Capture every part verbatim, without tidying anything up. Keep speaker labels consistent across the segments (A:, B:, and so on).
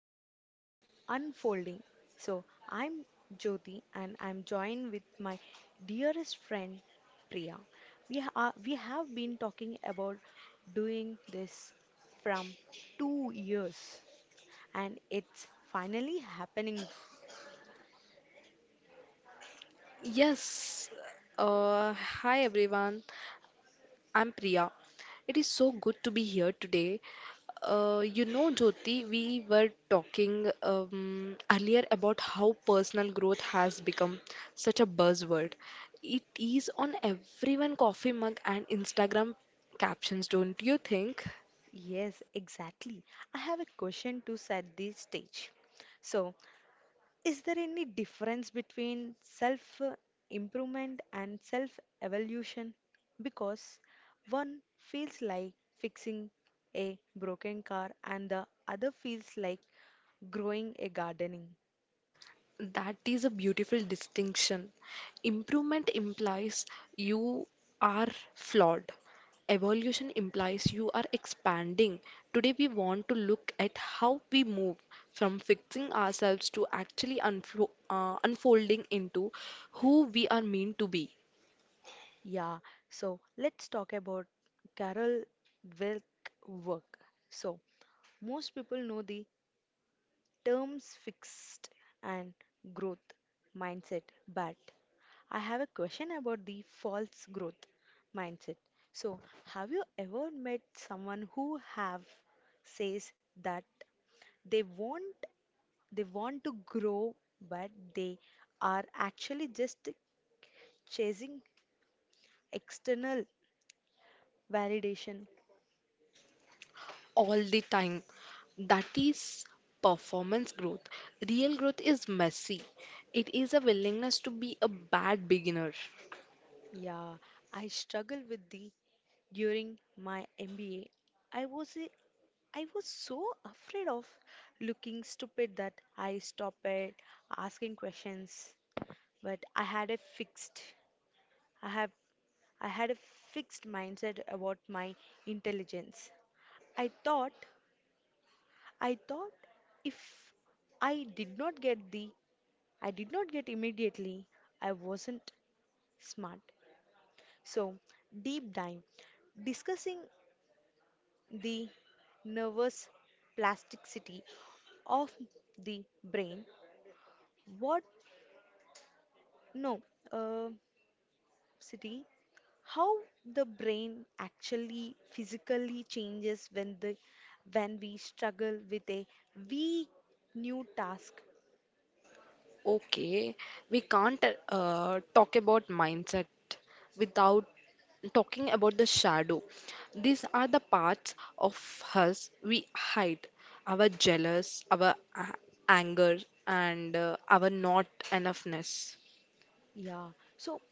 A: Welcome to the Unfolding. So, I'm Jyoti and I'm joined with my dearest friend Priya. We, ha- uh, we have been talking about doing this from two years and it's finally happening.
B: Yes. Uh, hi everyone. I'm Priya. It is so good to be here today. Uh, you know, Jyoti, we were talking um, earlier about how personal growth has become such a buzzword. It is on everyone coffee mug and Instagram captions, don't you think?
A: Yes, exactly. I have a question to set the stage. So, is there any difference between self uh, improvement and self evolution? Because one feels like fixing a broken car and the other feels like growing a gardening.
B: That is a beautiful distinction. Improvement implies you are flawed. Evolution implies you are expanding. Today, we want to look at how we move from fixing ourselves to actually unflo- uh, unfolding into who we are meant to be
A: Yeah, so let's talk about Carol Wilk work. So, most people know the terms fixed and growth mindset, but I have a question about the false growth mindset. So, have you ever met someone who have says that they want they want to grow but they are actually just chasing external validation?
B: all the time. That is performance growth. Real growth is messy, it is a willingness to be a bad beginner.
A: Yeah, I struggled with the during my M B A. I was a, I was so afraid of looking stupid that I stopped it asking questions. But I had a fixed I have I had a fixed mindset about my intelligence. I thought I thought if I did not get the I did not get immediately I wasn't smart. So, deep dive discussing the nervous plasticity of the brain, what, no, uh, city, how the brain actually physically changes when the when we struggle with a weak new task.
B: Okay, we can't uh, talk about mindset without talking about the shadow. These are the parts of us we hide our jealous, our a- anger, and uh, our not enoughness.
A: Yeah, so,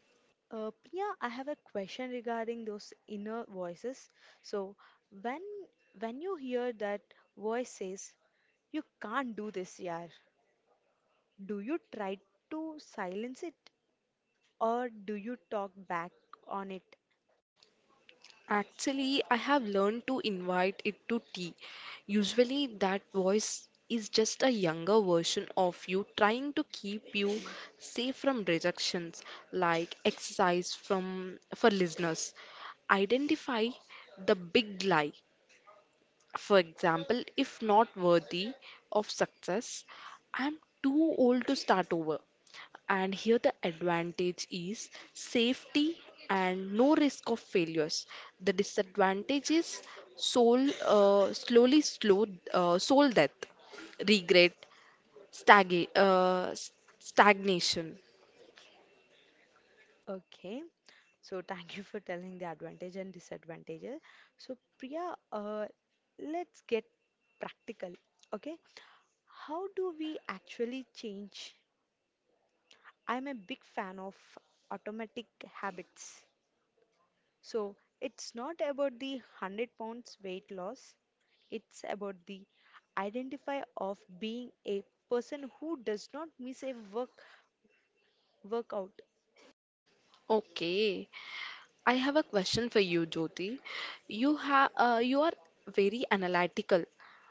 A: uh, Priya, I have a question regarding those inner voices. So, when when you hear that voice says you can't do this, yaar, do you try to silence it or do you talk back on it?
B: Actually, I have learned to invite it to tea. Usually, that voice is just a younger version of you trying to keep you safe from rejections, like exercise from for listeners. Identify the big lie. For example, if not worthy of success, I'm too old to start over. And here the advantage is safety and no risk of failures. The disadvantage is soul, uh, slowly slow uh, soul death, regret, stag uh, stagnation.
A: Okay, so thank you for telling the advantage and disadvantages. So, Priya, uh, let's get practical. Okay, how do we actually change? I'm a big fan of automatic habits. So, it's not about the one hundred pounds weight loss, it's about the identify of being a person who does not miss a work workout.
B: Okay, I have a question for you, Jyoti. You have uh, you are very analytical.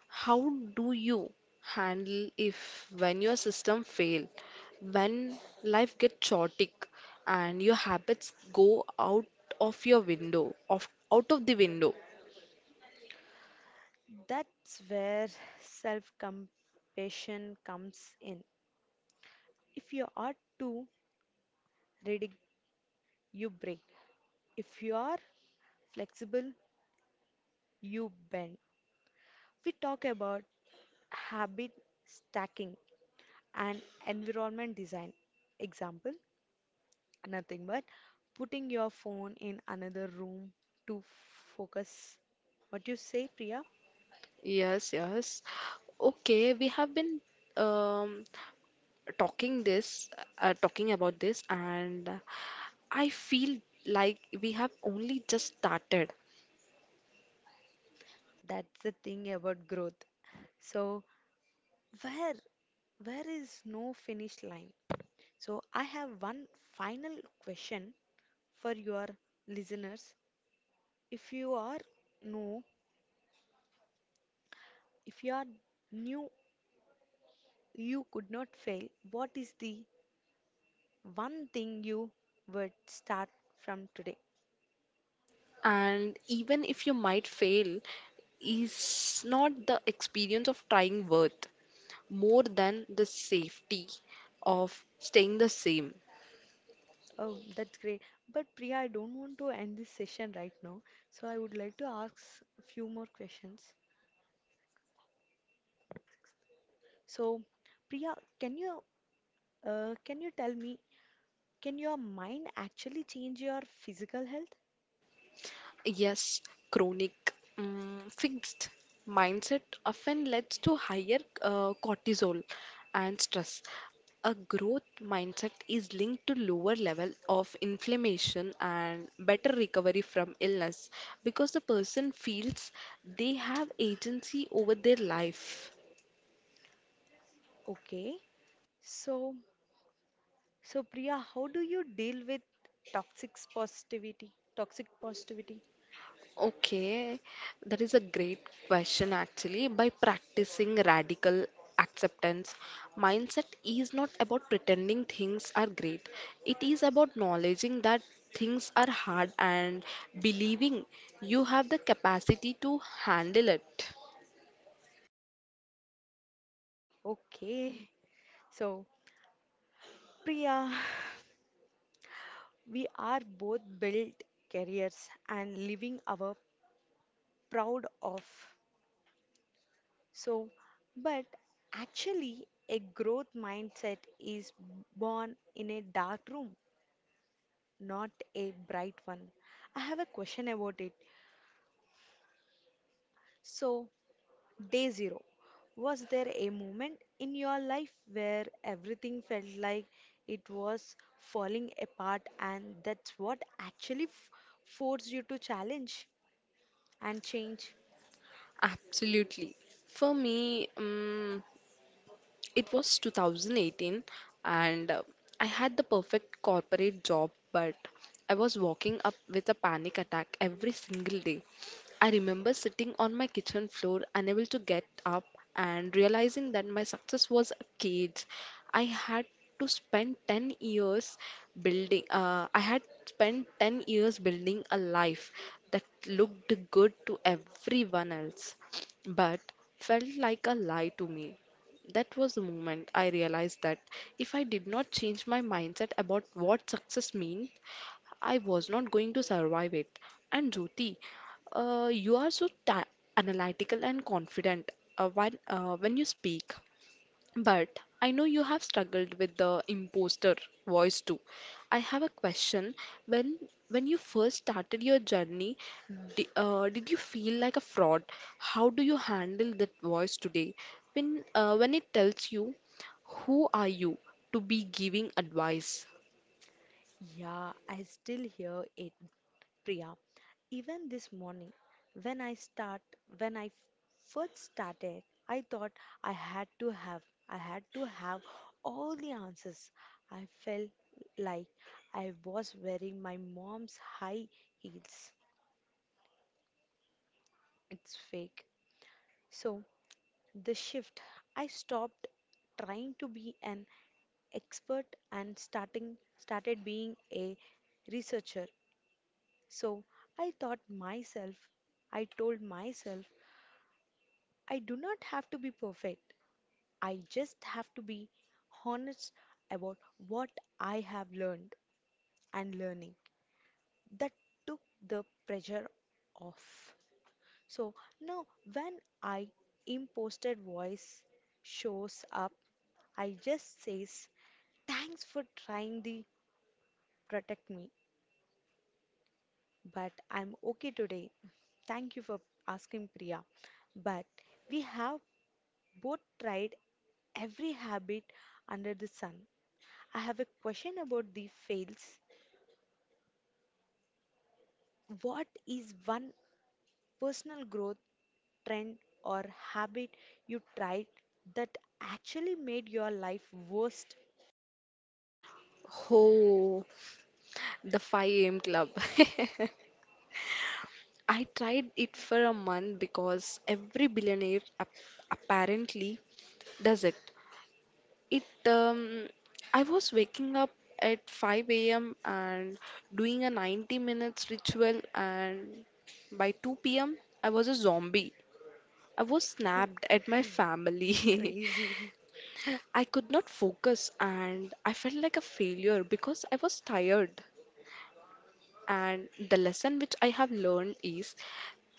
B: How do you handle if when your system fail, when life gets chaotic and your habits go out of your window, of out of the window?
A: That's where self compassion comes in. If you are too rigid, you break. If you are flexible, you bend. We talk about habit stacking and environment design. Example nothing but putting your phone in another room to focus. What you say, Priya?
B: Yes, yes. Okay, we have been um, talking this, uh, talking about this, and I feel like we have only just started.
A: That's the thing about growth. So, where where is no finish line? So, I have one final question for your listeners. If you are no, if you are new, you could not fail. What is the one thing you would start from today?
B: And even if you might fail, is not the experience of trying worth more than the safety of staying the same.
A: Oh, that's great. But Priya, I don't want to end this session right now. So, I would like to ask a few more questions. So, Priya, can you uh, can you tell me, can your mind actually change your physical health?
B: Yes, chronic mm, fixed mindset often leads to higher uh, cortisol and stress. A growth mindset is linked to lower level of inflammation and better recovery from illness because the person feels they have agency over their life.
A: Okay. So, So, Priya, how do you deal with toxic positivity? Toxic positivity.
B: Okay, that is a great question actually. By practicing radical acceptance, mindset is not about pretending things are great. It is about acknowledging that things are hard and believing you have the capacity to handle it.
A: Okay. So, Priya, we are both built careers and living our proud of. So, but actually, a growth mindset is born in a dark room, not a bright one. I have a question about it. So, day zero. Was there a moment in your life where everything felt like it was falling apart and that's what actually f- forced you to challenge and change?
B: Absolutely. For me, mm, it was twenty eighteen and uh, I had the perfect corporate job, but I was walking up with a panic attack every single day. I remember sitting on my kitchen floor, unable to get up, and realizing that my success was a cage. I had to spend ten years building, uh, I had spent ten years building a life that looked good to everyone else, but felt like a lie to me. That was the moment I realized that if I did not change my mindset about what success means, I was not going to survive it. And Jyoti, uh, you are so ta- analytical and confident uh, when, uh, when you speak. But I know you have struggled with the imposter voice too. I have a question. When when you first started your journey, di uh, did you feel like a fraud? How do you handle that voice today? When uh, when it tells you, who are you to be giving advice?
A: Yeah, I still hear it, Priya, even this morning. When I start, when I first started, I thought I had to have, I had to have all the answers. I felt like I was wearing my mom's high heels. It's fake. So the shift, I stopped trying to be an expert and starting started being a researcher. So I thought myself, I told myself I do not have to be perfect. I just have to be honest about what I have learned and learning. That took the pressure off. So now, when I imposted voice shows up, I just says, thanks for trying to protect me, but I'm okay today. Thank you for asking, Priya. But we have both tried every habit under the sun. I have a question about the fails. What is one personal growth trend or habit you tried that actually made your life worst?
B: Oh, the five a m club. I tried it for a month because every billionaire ap- apparently does it. It um, I was waking up at five a m and doing a ninety minutes ritual and by two p m. I was a zombie. I was snapped at my family.
A: Crazy.
B: I could not focus and I felt like a failure because I was tired. And the lesson which I have learned is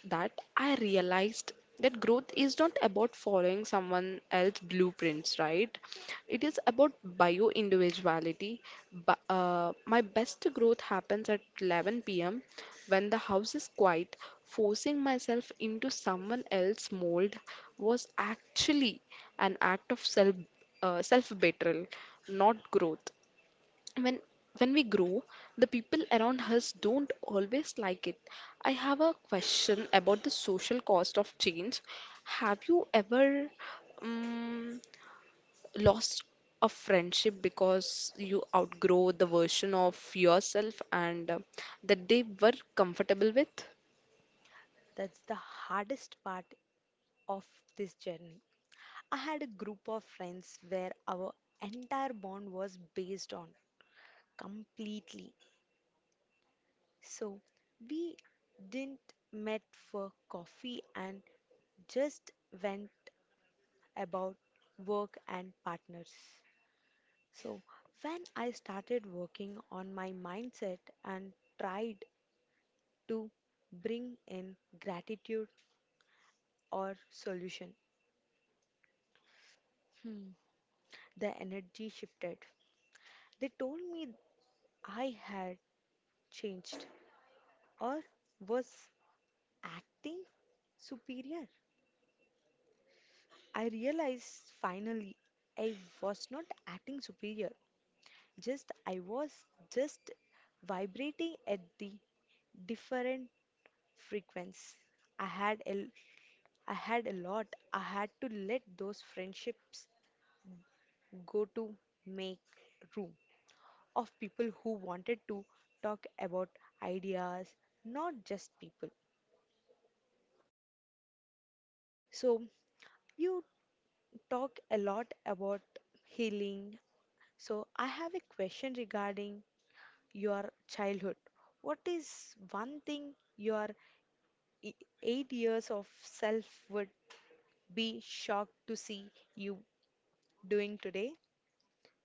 B: that I realized that growth is not about following someone else's blueprints, right? It is about bio individuality. But, uh, my best growth happens at eleven p m when the house is quiet. Forcing myself into someone else's mold was actually an act of self uh, self betrayal, not growth when when we grow the people around us don't always like it. I have a question about the social cost of change. Have you ever um, lost a friendship because you outgrow the version of yourself and uh, that they were comfortable with?
A: That's the hardest part of this journey. I had a group of friends where our entire bond was based on completely. So we didn't met for coffee and just went about work and partners. So, when I started working on my mindset and tried to bring in gratitude or solution, hmm, the energy shifted. They told me I had changed or was acting superior. I realized finally I was not acting superior. Just I was just vibrating at the different frequency. I had a I had a lot. I had to let those friendships go to make room of people who wanted to talk about ideas, not just people. So you talk a lot about healing. So I have a question regarding your childhood. What is one thing your e- eight years of self would be shocked to see you doing today?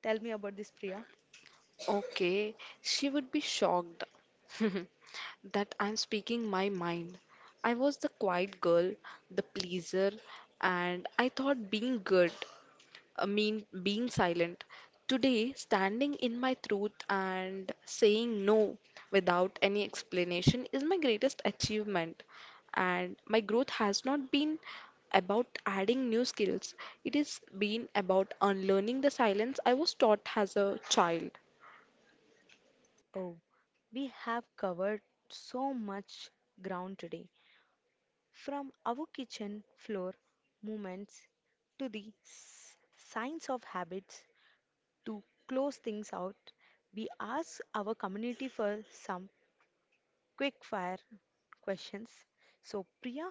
A: Tell me about this, Priya.
B: Okay, she would be shocked that I'm speaking my mind. I was the quiet girl, the pleaser, and I thought being good uh, mean being silent. Today, standing in my truth and saying no without any explanation is my greatest achievement. And my growth has not been about adding new skills, it has been about unlearning the silence I was taught as a child.
A: Oh, we have covered so much ground today, from our kitchen floor movements to the s- science of habits to close things out. We ask our community for some quick fire questions. So, Priya,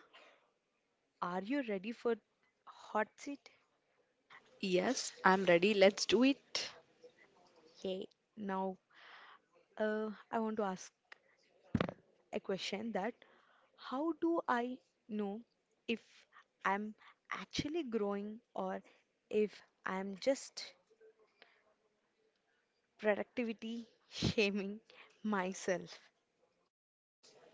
A: are you ready for hot seat?
B: Yes, I'm ready. Let's do it.
A: Yeah. Now, Uh, I want to ask a question that how do I know if I'm actually growing or if I'm just productivity shaming myself?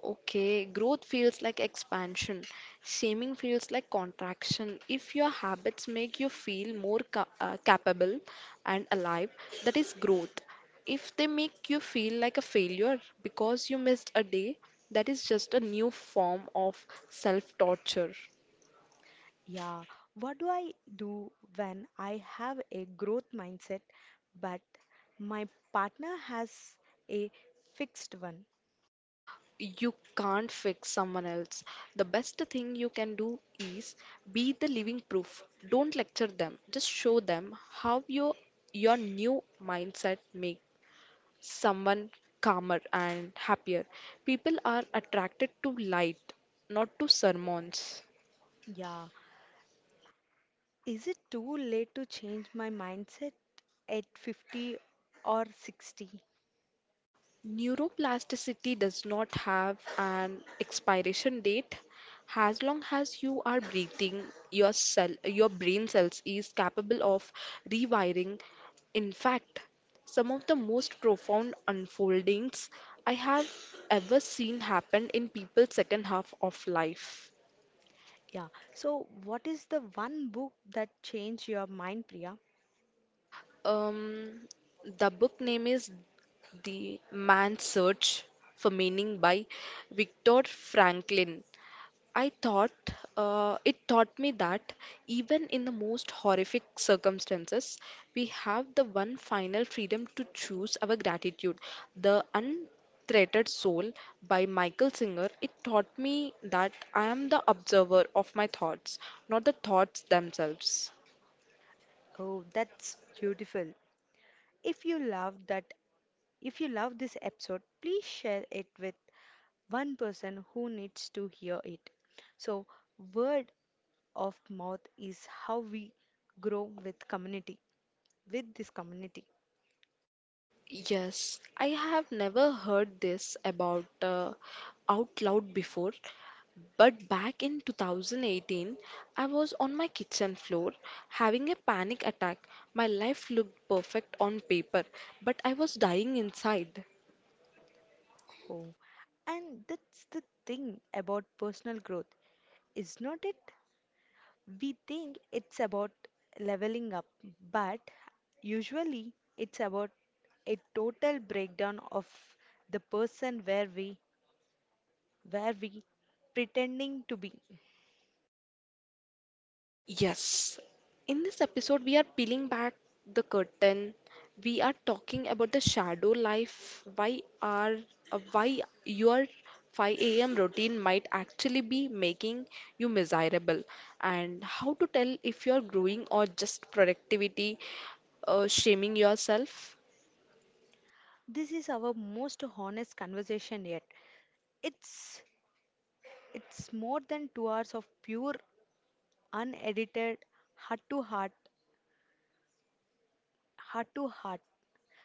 B: Okay, growth feels like expansion. Shaming feels like contraction. If your habits make you feel more ca- uh, capable and alive, that is growth. If they make you feel like a failure because you missed a day, that is just a new form of self torture.
A: Yeah, what do I do when I have a growth mindset but my partner has a fixed one?
B: You can't fix someone else. The best thing you can do is be the living proof. Don't lecture them. Just show them how your your new mindset makes someone calmer and happier. People are attracted to light, not to sermons.
A: Yeah, is it too late to change my mindset at fifty or sixty?
B: Neuroplasticity does not have an expiration date. As long as you are breathing, your cell, your brain cells is capable of rewiring. In fact, some of the most profound unfoldings I have ever seen happen in people's second half of life.
A: Yeah. So, what is the one book that changed your mind, Priya?
B: Um, the book name is The Man's Search for Meaning by Viktor Franklin. I thought uh, It taught me that even in the most horrific circumstances, we have the one final freedom to choose our gratitude. The Unthreatened Soul by Michael Singer. It taught me that I am the observer of my thoughts, not the thoughts themselves.
A: Oh, that's beautiful. If you love that, if you love this episode, please share it with one person who needs to hear it. So, word of mouth is how we grow with community, with this community.
B: Yes, I have never heard this about uh, out loud before, but back in two thousand eighteen, I was on my kitchen floor having a panic attack. My life looked perfect on paper, but I was dying inside.
A: Oh, and that's the thing about personal growth, is not it? We think it's about leveling up, but usually it's about a total breakdown of the person where we where we pretending to be.
B: Yes, in this episode, we are peeling back the curtain. We are talking about the shadow life, why are uh, why your five a m routine might actually be making you miserable, and how to tell if you're growing or just productivity uh, shaming yourself.
A: This is our most honest conversation yet. It's it's more than two hours of pure unedited heart to heart heart to heart.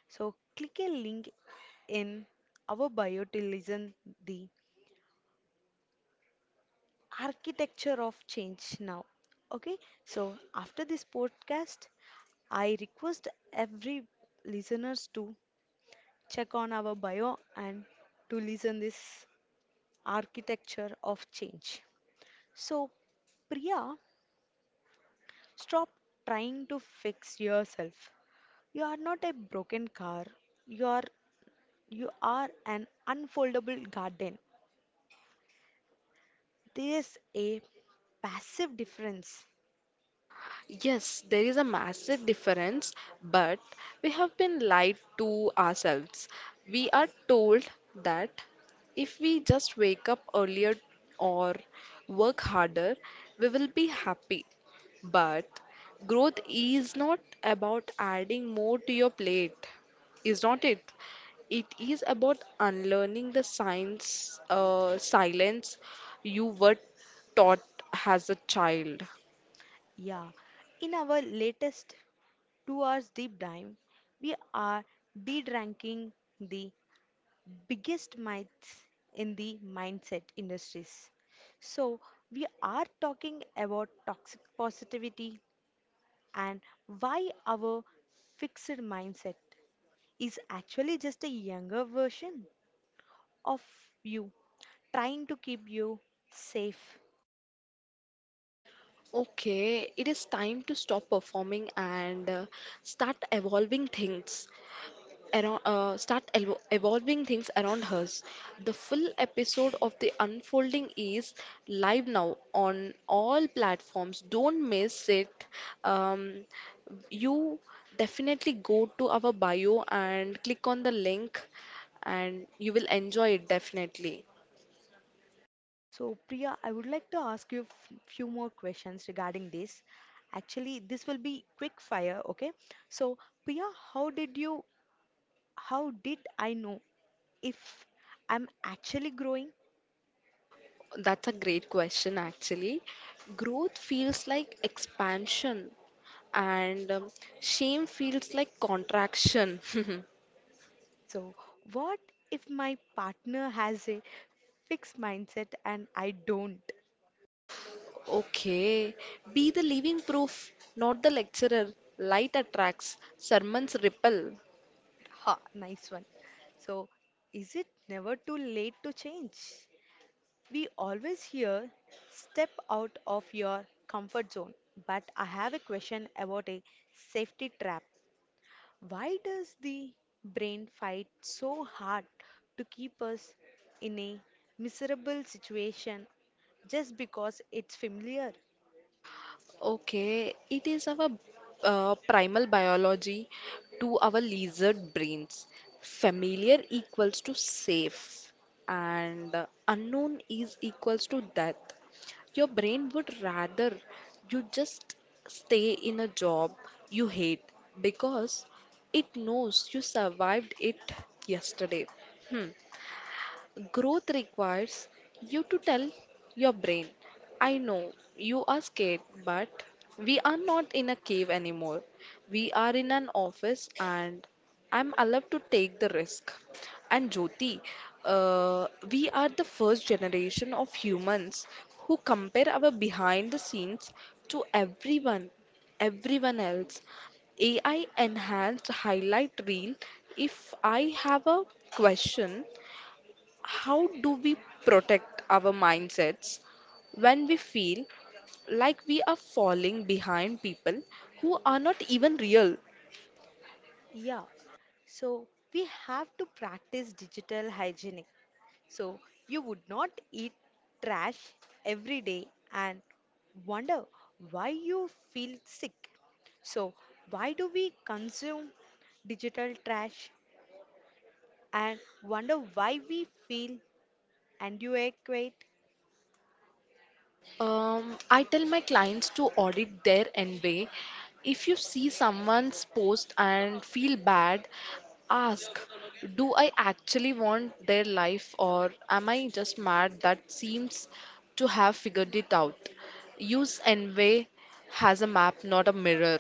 A: So click a link in our bio to listen the architecture of change now. Okay, so after this podcast, I request every listeners to check on our bio and to listen this architecture of change. So, Priya, stop trying to fix yourself. You are not a broken car. You are you are an unfoldable garden. There's a passive difference.
B: Yes, there is a massive difference, but we have been lied to ourselves. We are told that if we just wake up earlier or work harder, we will be happy. But growth is not about adding more to your plate, is not it? It is about unlearning the science, uh, silence you were taught as a child.
A: Yeah. In our latest two hours deep dive, we are de-ranking the biggest myths in the mindset industries. So, we are talking about toxic positivity and why our fixed mindset is actually just a younger version of you trying to keep you safe.
B: Okay, it is time to stop performing and uh, start evolving things around, uh, start elvo- evolving things around us. The full episode of The Unfolding is live now on all platforms. Don't miss it. Um, you definitely go to our bio and click on the link, and you will enjoy it definitely.
A: So, Priya, I would like to ask you a few more questions regarding this. Actually, this will be quick fire, okay? So, Priya, how did you, how did I know if I'm actually growing?
B: That's a great question, actually. Growth feels like expansion, and um, shame feels like contraction.
A: So, what if my partner has a fixed mindset and I don't?
B: Okay, be the living proof, not the lecturer. Light attracts, sermons repel.
A: Ha, nice one. So, is it never too late to change? We always hear step out of your comfort zone, but I have a question about a safety trap. Why does the brain fight so hard to keep us in a miserable situation just because it's familiar?
B: Okay, it is our uh, primal biology to our lizard brains. Familiar equals to safe, and uh, unknown is equals to death. Your brain would rather you just stay in a job you hate because it knows you survived it yesterday. Hmm. Growth requires you to tell your brain, I know you are scared, but we are not in a cave anymore. We are in an office and I'm allowed to take the risk. And Jyoti, uh, we are the first generation of humans who compare our behind the scenes to everyone, everyone else. A I enhanced highlight reel. If I have a question, how do we protect our mindsets when we feel like we are falling behind people who are not even real?
A: Yeah, so we have to practice digital hygiene. So you would not eat trash every day and wonder why you feel sick. So, why do we consume digital trash and wonder why we feel inadequate?
B: Um, I tell my clients to audit their envy. If you see someone's post and feel bad, ask, do I actually want their life or am I just mad that seems to have figured it out? Use envy as a map, not a mirror.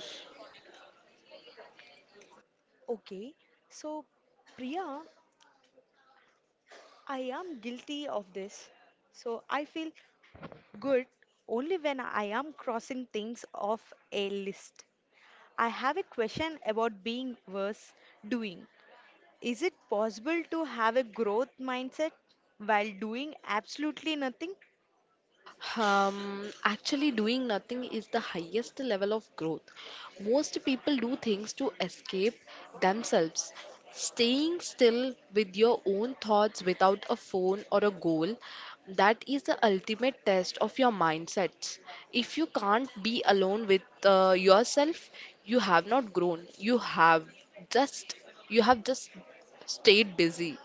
A: Okay, so Priya, I am guilty of this. So, I feel good only when I am crossing things off a list. I have a question about being versus doing. Is it possible to have a growth mindset while doing absolutely nothing?
B: Um, actually, doing nothing is the highest level of growth. Most people do things to escape themselves. Staying still with your own thoughts without a phone or a goal, that is the ultimate test of your mindsets. If you can't be alone with uh, yourself, you have not grown. You have just you have just stayed busy.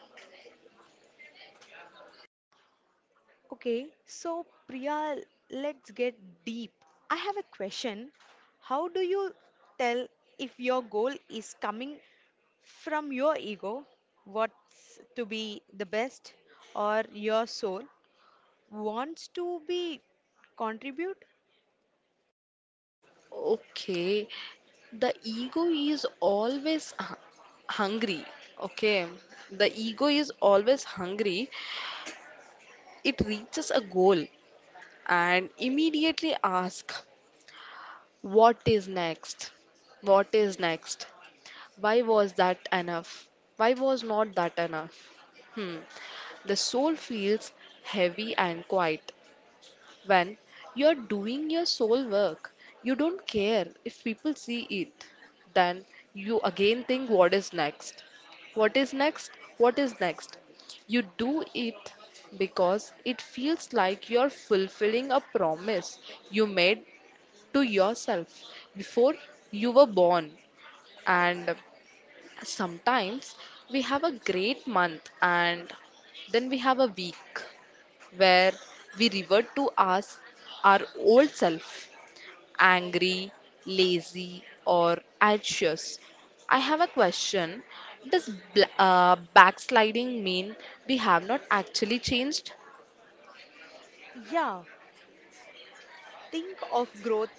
A: Okay, so Priya, let's get deep. I have a question. How do you tell if your goal is coming from your ego, what's to be the best, or your soul wants to be contribute?
B: Okay, the ego is always hu- hungry. Okay, the ego is always hungry. It reaches a goal and immediately asks, what is next? What is next? Why was that enough? Why was not that enough? Hmm. The soul feels heavy and quiet. When you're doing your soul work, you don't care if people see it. Then you again think, what is next? What is next? What is next? You do it because it feels like you're fulfilling a promise you made to yourself before you were born. And sometimes we have a great month and then we have a week where we revert to us our old self, angry, lazy, or anxious. I have a question. Does bl- uh, backsliding mean we have not actually changed?
A: Yeah, think of growth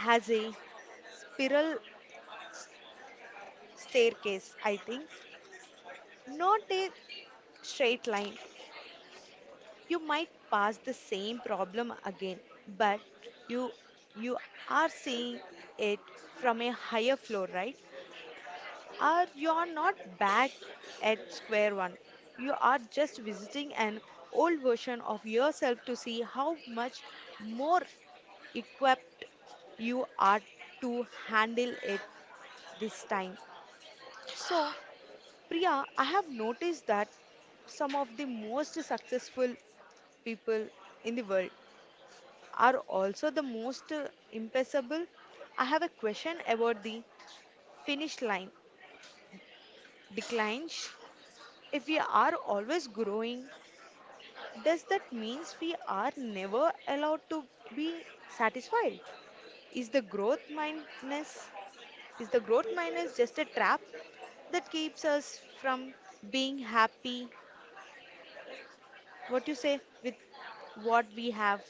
A: as a spiral staircase, I think, not a straight line. You might pass the same problem again, but you you are seeing it from a higher floor, right? Or you are not back at square one. You are just visiting an old version of yourself to see how much more equipped you are to handle it this time. So, Priya, I have noticed that some of the most successful people in the world are also the most uh, impassable. I have a question about the finish line declines. If we are always growing, does that means we are never allowed to be satisfied? Is the growth mindness is the growth minus just a trap that keeps us from being happy? What you say with what we have?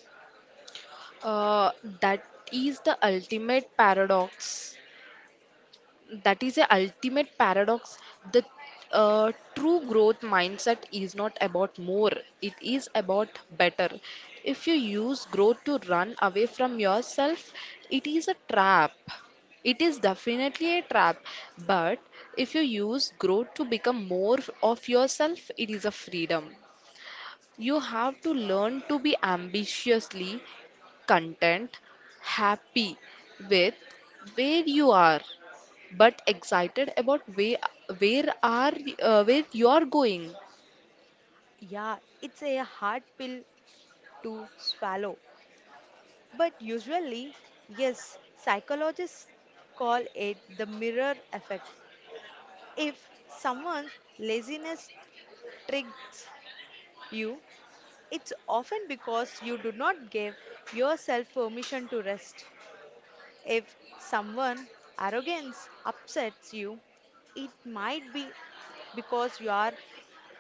B: Uh, that is the ultimate paradox. That is the ultimate paradox. The uh, true growth mindset is not about more, it is about better. If you use growth to run away from yourself, it is a trap. It is definitely a trap. But if you use growth to become more of yourself, it is a freedom. You have to learn to be ambitiously content, happy with where you are but excited about where where are uh, where you're going.
A: Yeah, it's a hard pill to swallow. But usually, yes, psychologists call it the mirror effect. If someone's laziness triggers you, it's often because you do not give yourself permission to rest. If someone arrogance upsets you, it might be because you are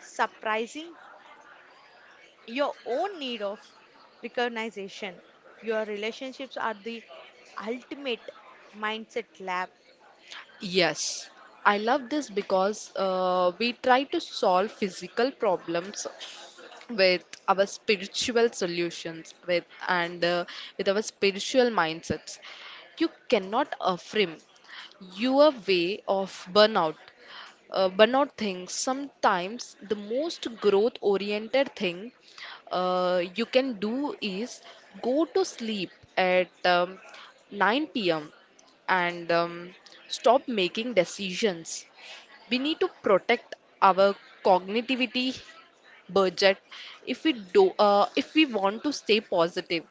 A: surprising your own need of recognition. Your relationships are the ultimate mindset lab.
B: Yes, I love this because uh, we try to solve physical problems with our spiritual solutions with and uh, with our spiritual mindsets. You cannot affirm your way of burnout. Uh, but not things. Sometimes the most growth oriented thing uh, you can do is go to sleep at um, nine p m and um, stop making decisions. We need to protect our cognitivity budget if we do uh, if we want to stay positive.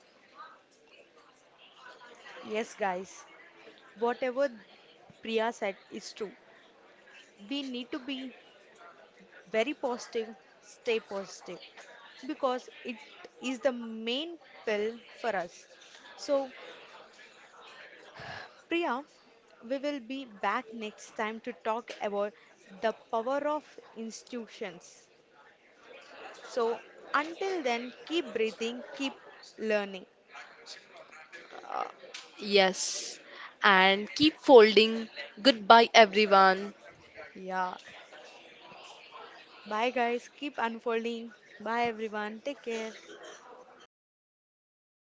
A: Yes, guys, whatever Priya said is true. We need to be very positive, stay positive because it is the main pill for us. So, Priya, we will be back next time to talk about the power of institutions. So until then, keep breathing, keep learning.
B: Uh, yes, and keep folding. Goodbye, everyone.
A: Yeah. Bye, guys. Keep unfolding. Bye, everyone. Take care.